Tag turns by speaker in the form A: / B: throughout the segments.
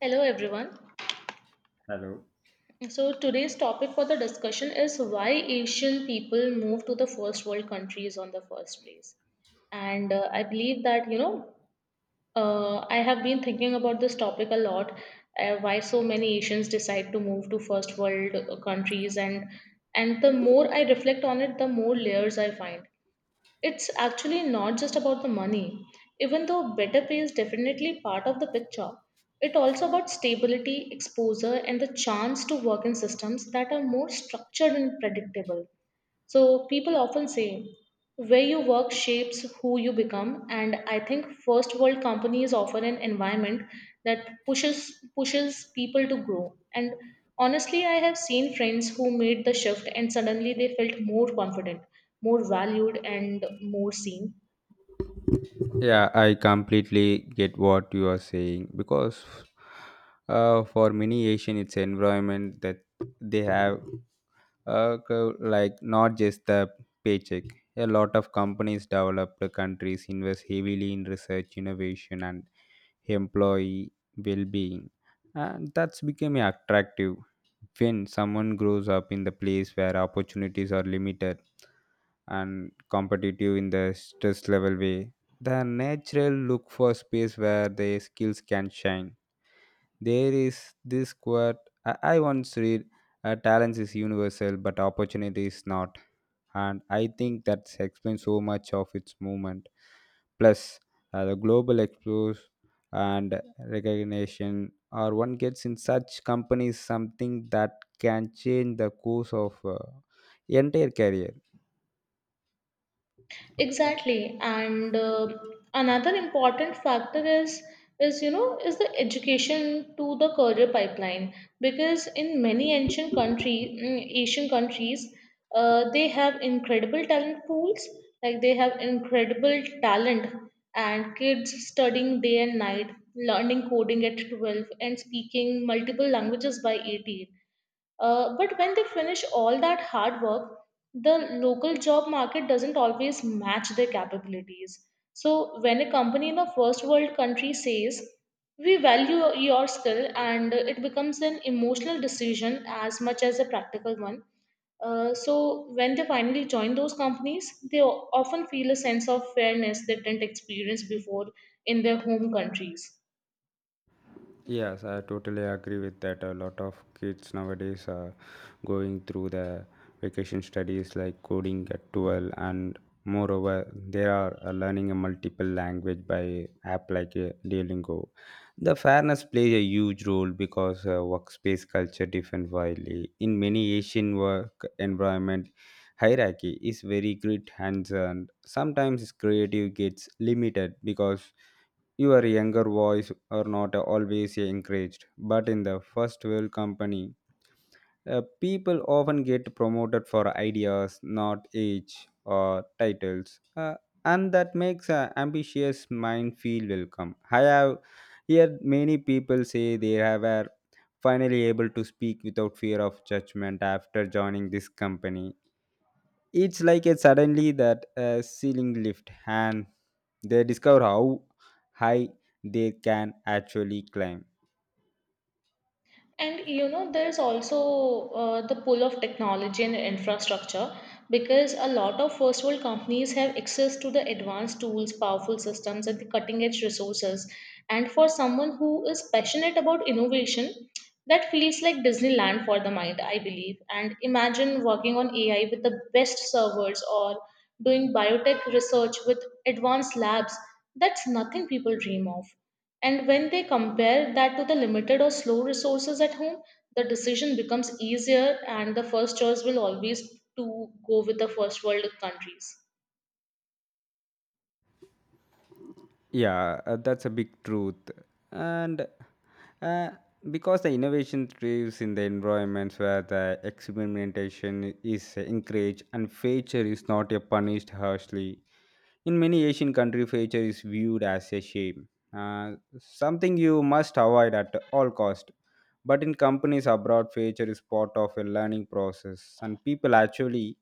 A: Hello everyone.
B: Hello.
A: So today's topic for the discussion is why Asian people move to the first world countries on the first place. And I believe that I have been thinking about this topic a lot. Why so many Asians decide to move to first world countries and the more I reflect on it, the more layers I find. It's actually not just about the money. Even though better pay is definitely part of the picture, it's also about stability, exposure, and the chance to work in systems that are more structured and predictable. So people often say where you work shapes who you become, and I think first world companies offer an environment that pushes people to grow. And honestly, I have seen friends who made the shift and suddenly they felt more confident, more valued, and more seen.
B: Yeah, I completely get what you are saying because for many Asian, it's environment that they have like not just the paycheck. A lot of companies, developed countries invest heavily in research, innovation, and employee well-being, and that's become attractive when someone grows up in the place where opportunities are limited and competitive in the stress level way the natural look for space where their skills can shine. There is this quote I once read: "Talent is universal, but opportunity is not." And I think that explains so much of its movement. Plus, the global exposure and recognition, or one gets in such companies, something that can change the course of entire career.
A: Exactly, and another important factor is you know is the education to the career pipeline because in many ancient country Asian countries they have incredible talent pools like they have incredible talent and kids studying day and night learning coding at 12 and speaking multiple languages by 18 but when they finish all that hard work, the local job market doesn't always match their capabilities. So, when a company in a first world country says, we value your skill, and it becomes an emotional decision as much as a practical one. So, when they finally join those companies, they often feel a sense of fairness they didn't experience before in their home countries.
B: Yes, I totally agree with that. A lot of kids nowadays are going through the vacation studies like coding at 12, and moreover, they are learning a multiple language by app like Duolingo. The fairness plays a huge role because workspace culture different widely. In many Asian work environment, hierarchy is very great hands and sometimes creative gets limited because your younger voice are not always encouraged, but in the first world company, people often get promoted for ideas, not age or titles, and that makes an ambitious mind feel welcome. I have heard many people say they have are finally able to speak without fear of judgment after joining this company it's like a suddenly that ceiling lift and they discover how high they can actually climb.
A: And you know, there's also the pull of technology and infrastructure because a lot of first world companies have access to the advanced tools, powerful systems, and the cutting edge resources. And for someone who is passionate about innovation, that feels like Disneyland for the mind, I believe. And imagine working on AI with the best servers or doing biotech research with advanced labs. That's nothing people dream of. And when they compare that to the limited or slow resources at home, the decision becomes easier and the first choice will always to go with the first world countries.
B: Yeah, that's a big truth. And uh, because the innovation thrives in the environments where the experimentation is encouraged and failure is not punished harshly. In many Asian countries, failure is viewed as a shame, uh, something you must avoid at all cost. But in companies abroad, failure is part of a learning process, and people actually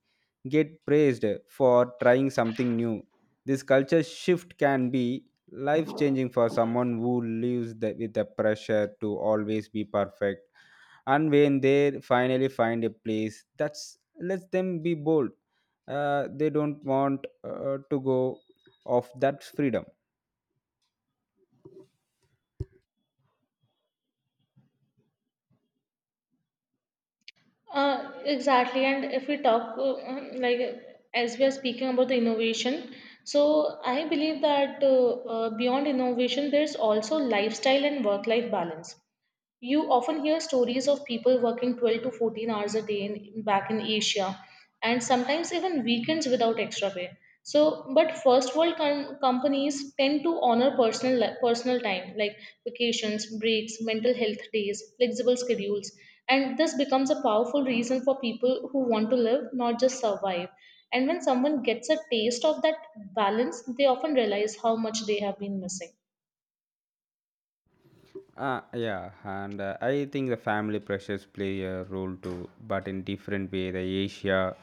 B: get praised for trying something new. This culture shift can be life changing for someone who lives the, with the pressure to always be perfect and when they finally find a place that's lets them be bold they don't want to go off that freedom.
A: Exactly. And if we talk, like, As we are speaking about the innovation, so I believe that beyond innovation, there's also lifestyle and work life balance. You often hear stories of people working 12 to 14 hours a day in, back in Asia and sometimes even weekends without extra pay. So, but first world companies tend to honor personal time like vacations, breaks, mental health days, flexible schedules, and this becomes a powerful reason for people who want to live, not just survive. And when someone gets a taste of that balance, they often realize how much they have been missing.
B: Yeah, and I think the family pressures play a role too, but in different way.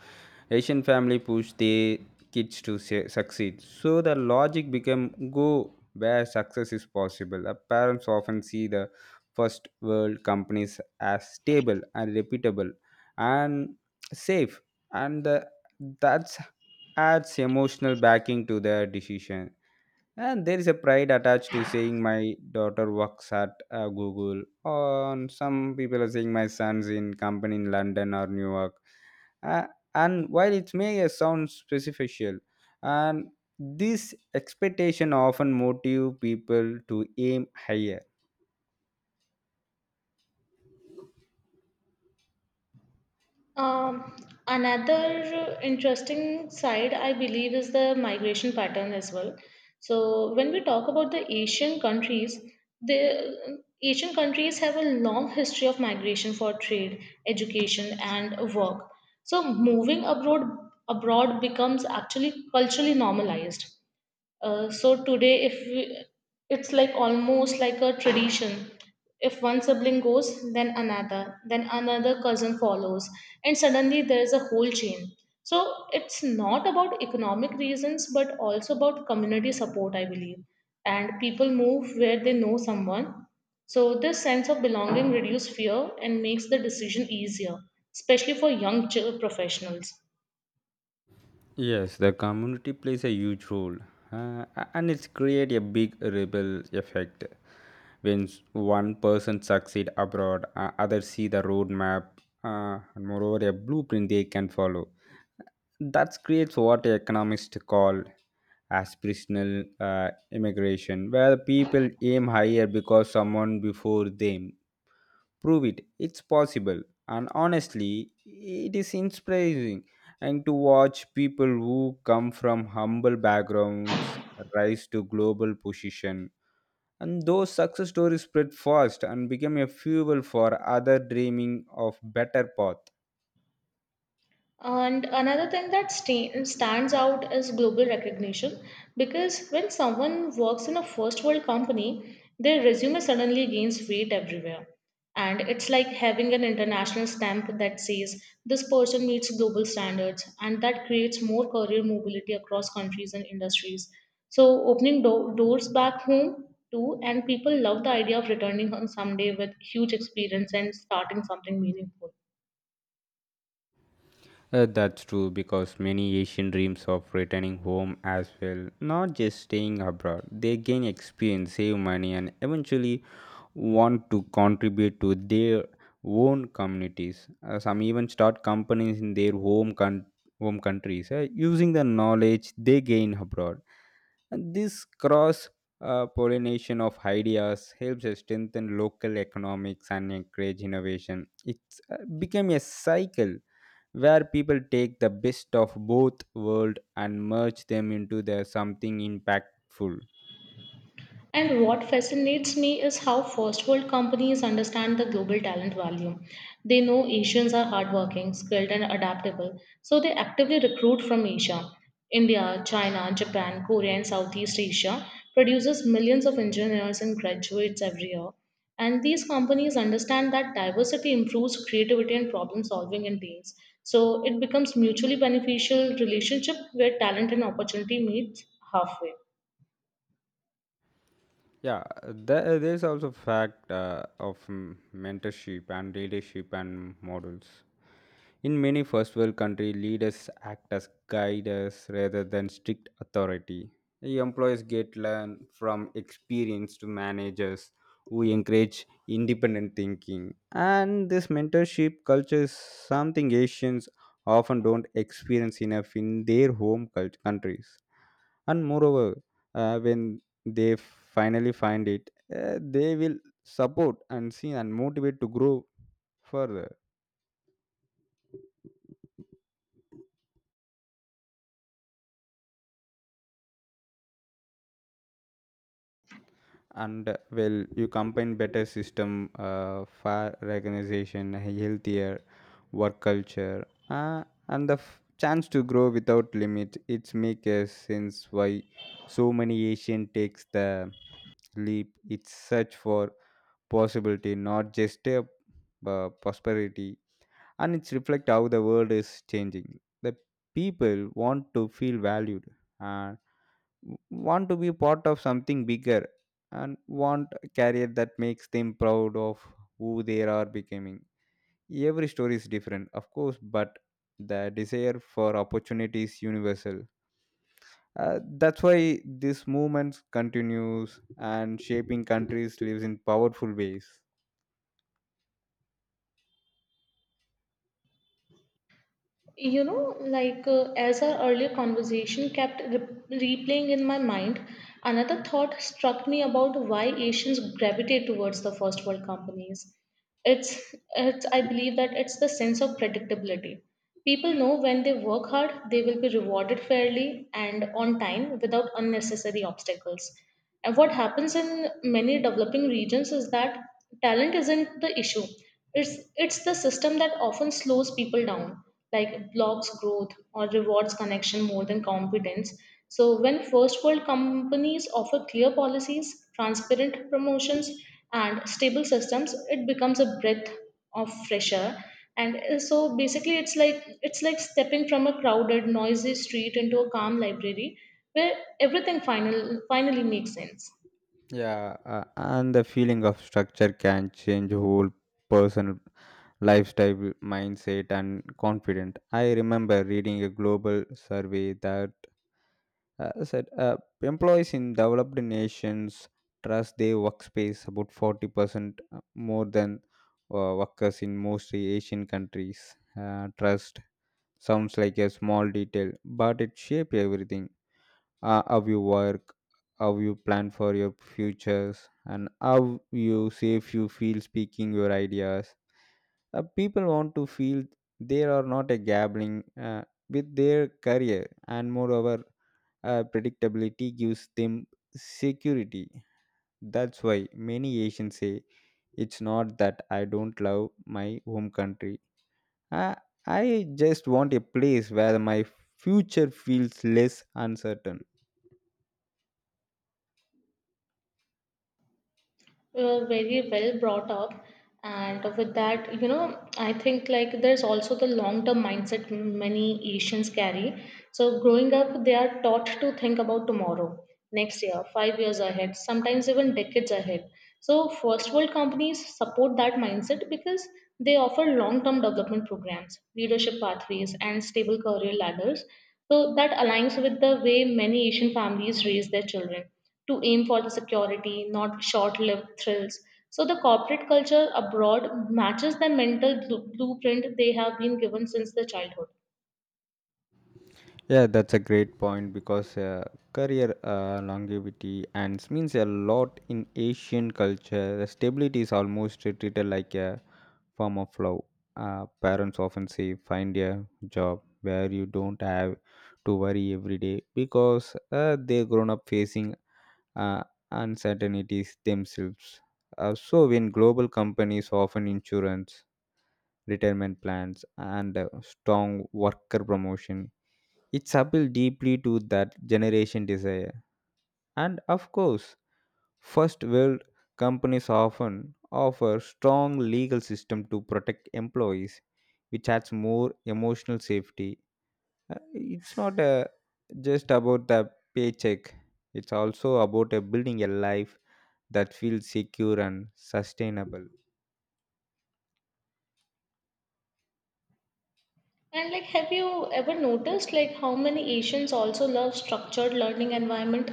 B: Asian family push their kids to succeed, so the logic become go where success is possible. Parents often see the first world companies as stable and reputable and safe, and that adds emotional backing to their decision and there is a pride attached to saying my daughter works at Google, or some people are saying my son's in company in London or New York. Uh, and while it may sound superficial, and this expectation often motive people to aim higher.
A: Um, Another interesting side, I believe, is the migration pattern as well. So, when we talk about the Asian countries have a long history of migration for trade, education, and work. So, moving abroad becomes actually culturally normalized. So today, if we, It's like almost like a tradition. If one sibling goes, then another cousin follows, and suddenly there is a whole chain. So it's not about economic reasons, but also about community support, I believe. And people move where they know someone. So this sense of belonging reduces fear and makes the decision easier, especially for young professionals.
B: Yes, the community plays a huge role, uh, and it's create a big rebel effect. When one person succeed abroad, others see the roadmap, and moreover a blueprint they can follow. That creates what economists call aspirational immigration, where people aim higher because someone before them prove it. It's possible, and honestly, it is inspiring and to watch people who come from humble backgrounds rise to global position and those success stories spread fast and become a fuel for other dreaming of better path.
A: And another thing that stands out is global recognition because when someone works in a first world company, their resume suddenly gains weight everywhere. And it's like having an international stamp that says this person meets global standards, and that creates more career mobility across countries and industries. So, opening doors back home too, and people love the idea of returning home someday with huge experience and starting something meaningful.
B: That's true because many Asian dreams of returning home as well, not just staying abroad. They gain experience, save money, and eventually want to contribute to their own communities. Some even start companies in their home countries using the knowledge they gain abroad. And this cross pollination of ideas helps strengthen local economics and encourage innovation. It's become a cycle where people take the best of both world and merge them into the something impactful.
A: And what fascinates me is how first world companies understand the global talent value. They know Asians are hardworking, skilled, and adaptable, so they actively recruit from Asia. India, China, Japan, Korea, and Southeast Asia produces millions of engineers and graduates every year. And these companies understand that diversity improves creativity and problem solving in teams. So it becomes mutually beneficial relationship where talent and opportunity meet halfway.
B: Yeah, there's also fact of mentorship and leadership and models. In many first world countries, leaders act as guides rather than strict authority. The employees get learn from experienced managers who encourage independent thinking. And this mentorship culture is something Asians often don't experience enough in their countries. And moreover, when they finally find it, they will support and see and motivate to grow further. And well you combine better system fair recognition healthier work culture and the chance to grow without limit it's make a sense why so many Asian takes the leap it's search for possibility not just a prosperity and it's reflect how the world is changing the people want to feel valued and want to be part of something bigger and want a career that makes them proud of who they are becoming. Every story is different of course but the desire for opportunity is universal. Uh, that's why this movement continues and shaping countries lives in powerful ways.
A: You know, as our earlier conversation kept replaying in my mind, another thought struck me about why Asians gravitate towards the first world companies. I believe that it's the sense of predictability. People know when they work hard, they will be rewarded fairly and on time without unnecessary obstacles. And what happens in many developing regions is that talent isn't the issue. It's the system that often slows people down, like blocks growth or rewards connection more than competence. So when first world companies offer clear policies, transparent promotions, and stable systems it becomes a breath of fresh air and so basically it's like stepping from a crowded noisy street into a calm library where everything finally makes sense.
B: Yeah, and the feeling of structure can change whole person lifestyle, mindset, and confidence. I remember reading a global survey that said employees in developed nations trust their workspace about 40% more than workers in mostly Asian countries. Trust sounds like a small detail, but it shapes everything. How you work how you plan for your futures and how you safe you feel speaking your ideas. People want to feel they are not a gambling with their career and moreover predictability gives them security. That's why many Asians say it's not that I don't love my home country i, I just want a place where my future feels less uncertain.
A: We were very well brought up, and with that you know I think like there's also the long term mindset many Asians carry. So growing up they are taught to think about tomorrow, next year, 5 years ahead, sometimes even decades ahead. So first world companies support that mindset because they offer long term development programs, leadership pathways, and stable career ladders. So that aligns with the way many Asian families raise their children to aim for the security, not short lived thrills. So, the corporate culture abroad matches the mental blueprint they have been given since the childhood.
B: Yeah, that's a great point because career longevity and means a lot in Asian culture. The stability is almost treated like a form of love. Parents often say, "Find a job where you don't have to worry every day," because they grown up facing uh, uncertainties themselves. So, when global companies often insurance, retirement plans, and strong worker promotion it's appealed deeply to that generation desire. And of course, first world companies often offer strong legal system to protect employees, which adds more emotional safety. It's not just about the paycheck. It's also about building a life that feels secure and sustainable.
A: And like, have you ever noticed like how many Asians also love structured learning environment?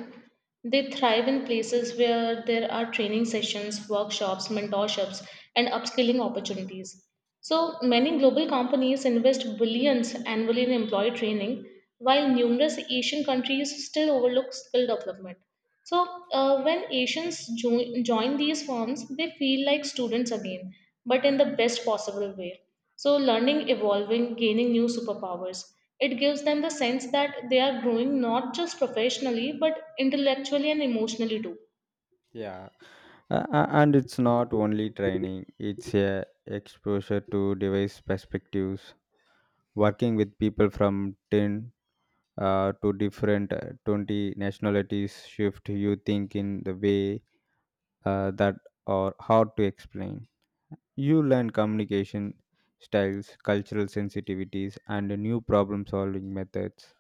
A: They thrive in places where there are training sessions, workshops, mentorships, and upskilling opportunities. So many global companies invest billions annually in employee training, while numerous Asian countries still overlook skill development. So when Asians join these firms, they feel like students again, but in the best possible way. So, learning, evolving, gaining new superpowers, it gives them the sense that they are growing not just professionally but intellectually and emotionally too.
B: Yeah, and it's not only training; it's a exposure to diverse perspectives working with people from 10 to different 20 nationalities shift you think in the way that are hard to explain you learn communication styles cultural sensitivities and new problem solving methods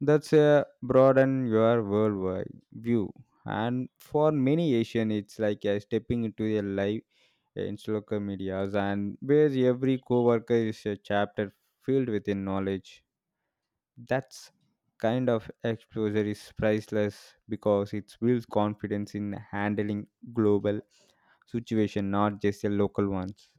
B: that's a broaden your worldwide view and for many Asian it's like a stepping into their life in local medias and where every coworker is a chapter filled with knowledge that's kind of exposure is priceless because it builds confidence in handling global situation, not just the local ones.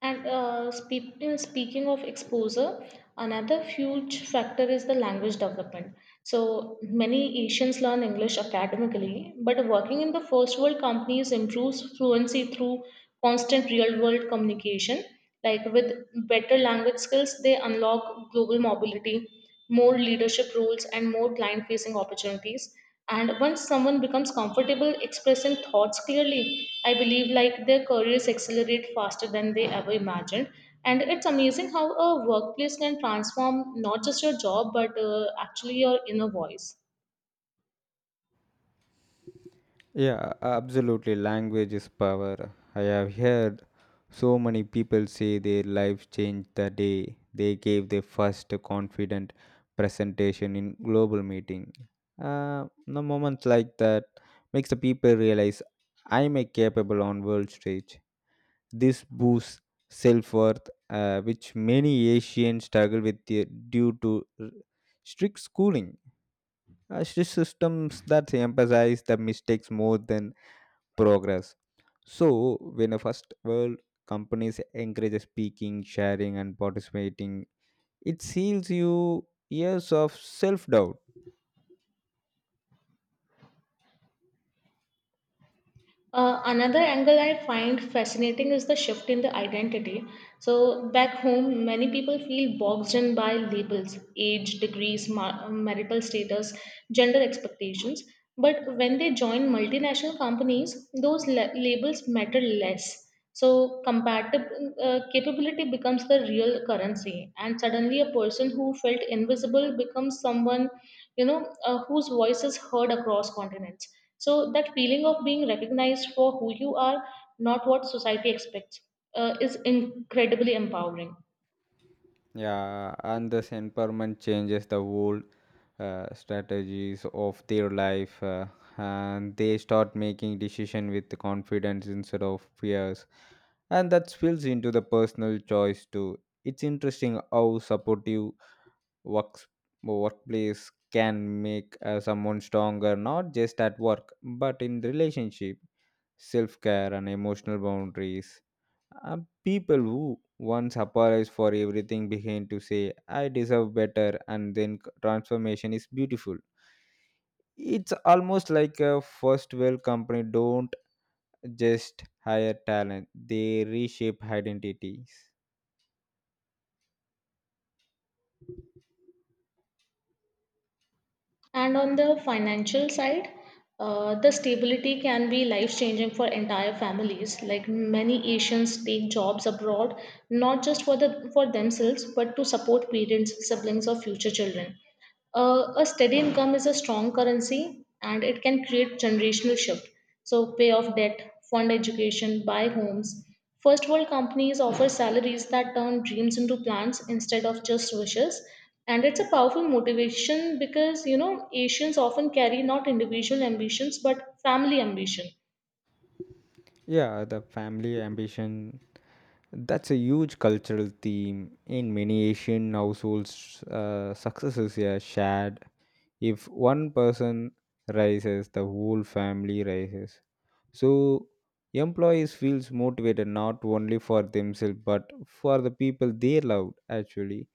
A: In speaking of exposure, another huge factor is the language development. So many Asians learn English academically, but working in the first world companies improves fluency through constant real world communication. Like with better language skills, they unlock global mobility, more leadership roles, and more client facing opportunities. And once someone becomes comfortable expressing thoughts clearly, I believe like their careers accelerate faster than they ever imagined. And it's amazing how a workplace can transform not just your job, but actually your inner voice.
B: Yeah, absolutely. Language is power. I have heard so many people say their life changed the day they gave their first confident presentation in global meeting. The moments like that makes the people realize I'm a capable on world stage. This boosts self-worth, which many Asians struggle with due to strict schooling. Strict systems that emphasize the mistakes more than progress. So, when a first world companies encourage speaking, sharing, and participating, it seals you years of self doubt.
A: Another angle I find fascinating is the shift in the identity. So, back home, many people feel boxed in by labels, age, degrees, marital status, gender expectations. But when they join multinational companies, those labels matter less. So, capability becomes the real currency. And suddenly, a person who felt invisible becomes someone, whose voice is heard across continents. So that feeling of being recognized for who you are, not what society expects, is incredibly empowering.
B: Yeah, and this empowerment changes the whole strategies of their life, and they start making decision with confidence instead of fears, and that spills into the personal choice too. It's interesting how supportive works workplace can make someone stronger, not just at work but in relationship, self care, and emotional boundaries. Uh, People who once apologize for everything begin to say, I deserve better, and then transformation is beautiful. It's almost like a first world company don't just hire talent, they reshape identities.
A: And on the financial side, the stability can be life changing for entire families. Like many Asians take jobs abroad, not just for the for themselves, but to support parents, siblings, or future children. A steady income is a strong currency and it can create generational shift. So, pay off debt, fund education, buy homes. First world companies offer salaries that turn dreams into plans instead of just wishes. And it's a powerful motivation because, you know, Asians often carry not individual ambitions but family ambition.
B: Yeah, the family ambition that's a huge cultural theme in many Asian households. Success is a shared if one person rises the whole family rises so employees feels motivated not only for themselves but for the people they love actually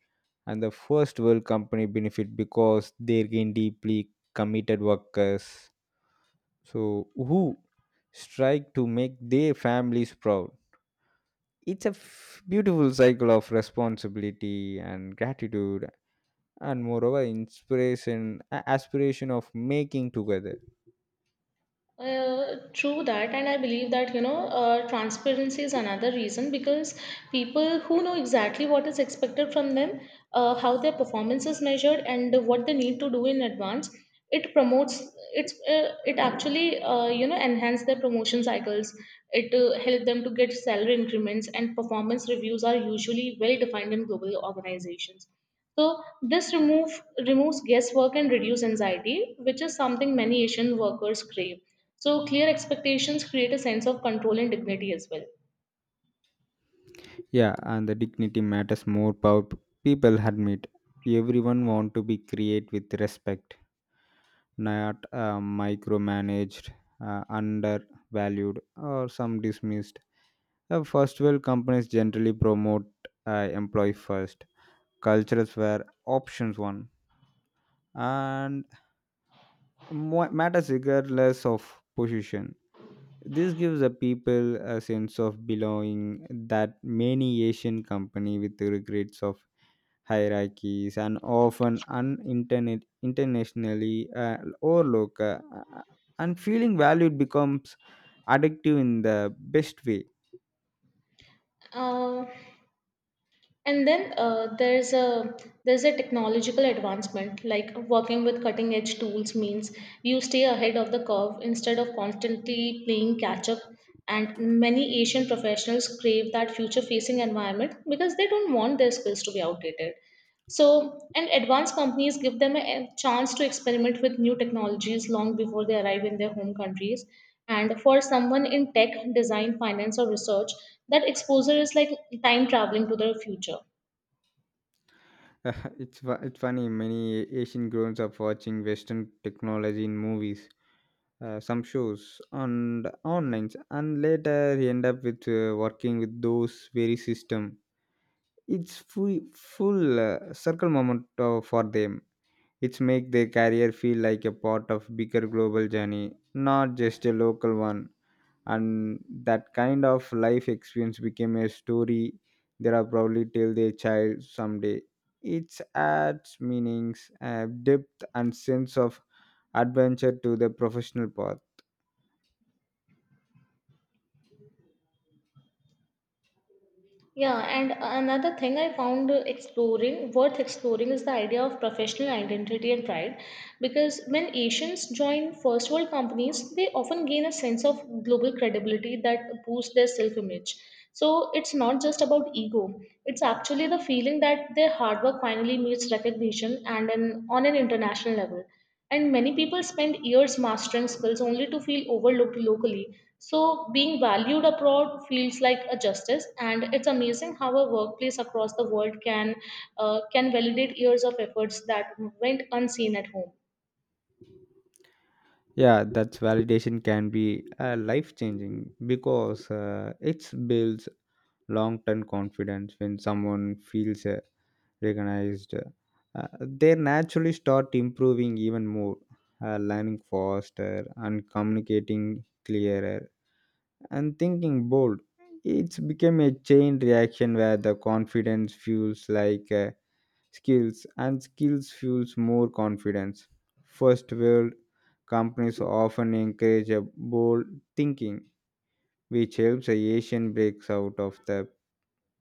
B: and the first world company benefit because they gain deeply committed workers so who strike to make their families proud it's a beautiful cycle of responsibility and gratitude and moreover inspiration aspiration of making together.
A: True that, and I believe that transparency is another reason because people who know exactly what is expected from them, how their performance is measured, and what they need to do in advance, it promotes it's it actually enhance their promotion cycles. It help them to get salary increments, and performance reviews are usually well defined in global organizations. So this removes guesswork and reduce anxiety, which is something many Asian workers crave. So clear expectations create a sense of control and dignity as well.
B: Yeah, and the dignity matters more. Power people admit everyone want to be create with respect, not micromanaged, undervalued, or some dismissed. First world companies generally promote employee first. Cultures were options one, and matters regardless of position. This gives the people a sense of belonging that many Asian company with the regrets of hierarchies and often internationally overlooked, and feeling valued becomes addictive in the best way.
A: Uh, and then There's a technological advancement like working with cutting edge tools means you stay ahead of the curve instead of constantly playing catch up, and many Asian professionals crave that future facing environment because they don't want their skills to be outdated. So, and advanced companies give them a chance to experiment with new technologies long before they arrive in their home countries. And for someone in tech, design, finance, or research, that exposure is like time traveling to the future.
B: It's funny, many Asian grown up watching Western technology in movies, some shows and online, and later they end up with working with those very system. It's full circle moment for them. It's make their career feel like a part of bigger global journey, not just a local one. And that kind of life experience became a story they are probably tell their child someday. It adds meanings, depth, and sense of adventure to the professional path.
A: Yeah, and another thing I worth exploring, is the idea of professional identity and pride. Because when Asians join first world companies, they often gain a sense of global credibility that boosts their self image. So it's not just about ego, it's actually the feeling that their hard work finally meets recognition on an international level. And many people spend years mastering skills only to feel overlooked locally, so, being valued abroad feels like a justice, and it's amazing how a workplace across the world can validate years of efforts that went unseen at home.
B: Yeah, that's validation can be life changing, because it builds long term confidence. When someone feels a recognized, they naturally start improving even more, learning faster and communicating clearer and thinking bold. It's become a chain reaction where the confidence fuels like skills, and skills fuels more confidence. First world companies often encourage a bold thinking, which helps a Asian breaks out of the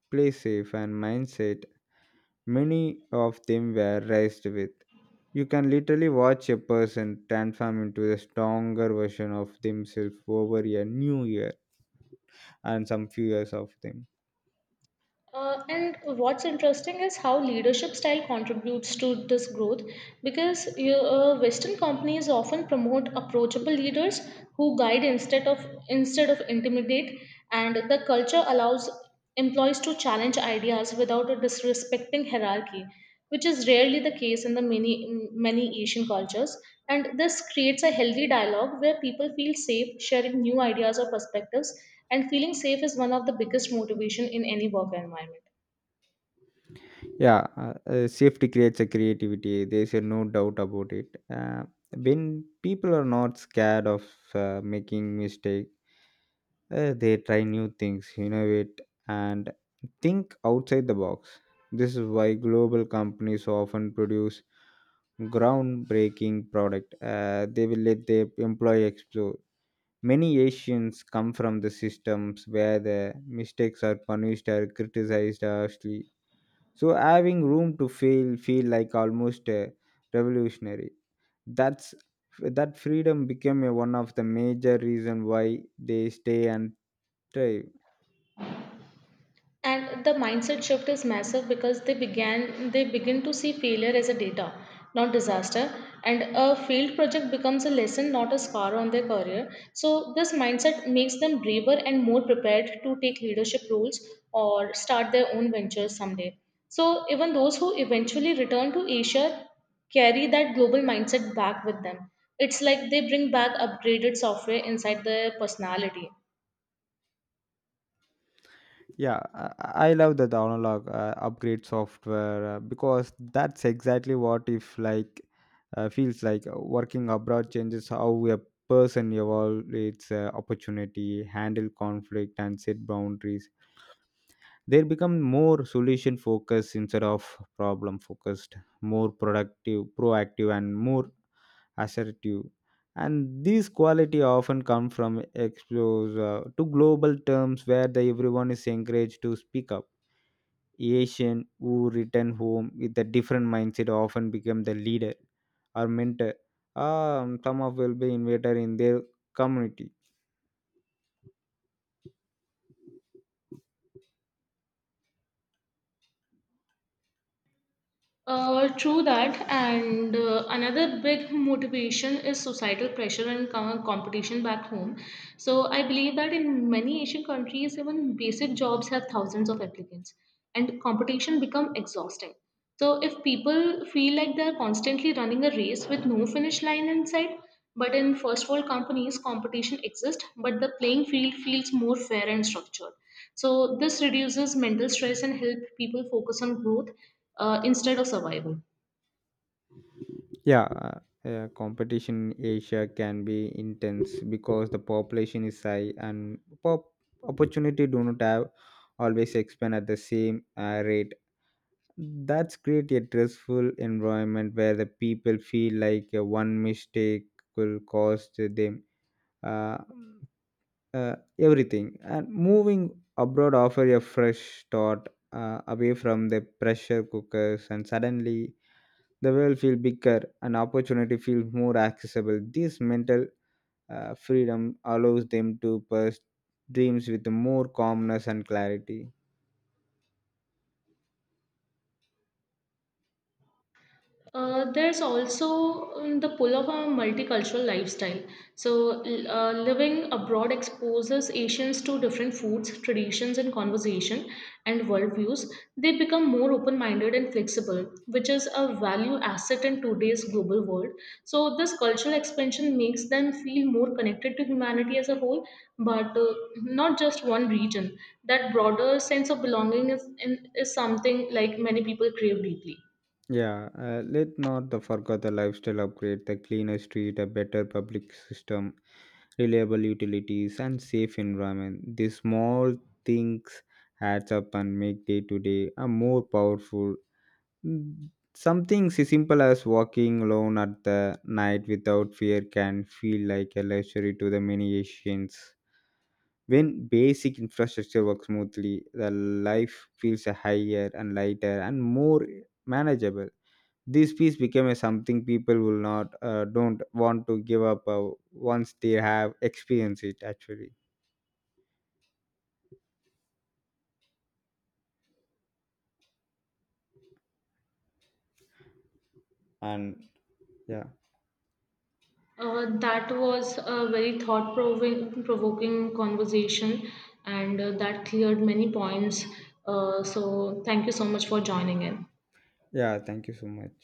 B: play safe and mindset many of them were raised with. You can literally watch a person transform into a stronger version of themselves over a new year and some few years of them.
A: And what's interesting is how leadership style contributes to this growth because Western companies often promote approachable leaders who guide instead of intimidate, and the culture allows employees to challenge ideas without disrespecting hierarchy, which is rarely the case in the many Asian cultures. And this creates a healthy dialogue where people feel safe sharing new ideas or perspectives. And feeling safe is one of the biggest motivation in any work environment.
B: Yeah, safety creates a creativity. There's a no doubt about it. When people are not scared of making mistake, they try new things, innovate, and think outside the box. This is why global companies often produce groundbreaking product. They will let their employee explore. Many Asians come from the systems where the mistakes are punished or criticized harshly. So having room to fail feel like almost revolutionary. That's that freedom became one of the major reason why they stay and thrive.
A: And the mindset shift is massive because they begin to see failure as a data, not disaster, and a failed project becomes a lesson, not a scar on their career. So this mindset makes them braver and more prepared to take leadership roles or start their own ventures someday. So even those who eventually return to Asia carry that global mindset back with them. It's like they bring back upgraded software inside their personality.
B: Yeah, I love the download upgrade software, because that's exactly what if like feels like. Working abroad changes how a person evaluates opportunity, handle conflict, and set boundaries. They become more solution focused instead of problem focused, more productive, proactive, and more assertive. And these quality often come from exposure to global terms where the, everyone is encouraged to speak up. Asian who return home with a different mindset often become the leader or mentor. Some of will be innovator in their community.
A: True that, and another big motivation is societal pressure and competition back home. So, I believe that in many Asian countries, even basic jobs have thousands of applicants, and competition become exhausting. So, if people feel like they're constantly running a race with no finish line in sight, but in first world companies, competition exists, but the playing field feels more fair and structured. So, this reduces mental stress and help people focus on growth instead of survival.
B: Yeah, competition in Asia can be intense because the population is high and pop opportunity do not have always expand at the same rate. That's create a stressful environment where the people feel like one mistake will cost them Uh, uh, everything, and moving abroad offer a fresh start away from the pressure cookers, and suddenly the world feel bigger and opportunity feels more accessible. This mental freedom allows them to pursue dreams with more calmness and clarity.
A: The pull of a multicultural lifestyle. So, living abroad exposes Asians to different foods, traditions, and conversation and worldviews. They become more open minded and flexible, which is a value asset in today's global world. So, this cultural expansion makes them feel more connected to humanity as a whole, but not just one region. That broader sense of belonging is something like many people crave deeply.
B: Yeah, let not the forget the lifestyle upgrade, the cleaner street, a better public system, reliable utilities, and safe environment. These small things adds up and make day to day a more powerful. Mm, some things as simple as walking alone at the night without fear can feel like a luxury to the many Asians. When basic infrastructure works smoothly, the life feels higher and lighter and more manageable. This piece became a something people will not, don't want to give up, once they have experienced it actually. And yeah.
A: That was a very thought provoking conversation and that cleared many points. So, thank you so much for joining in.
B: Yeah, thank you so much.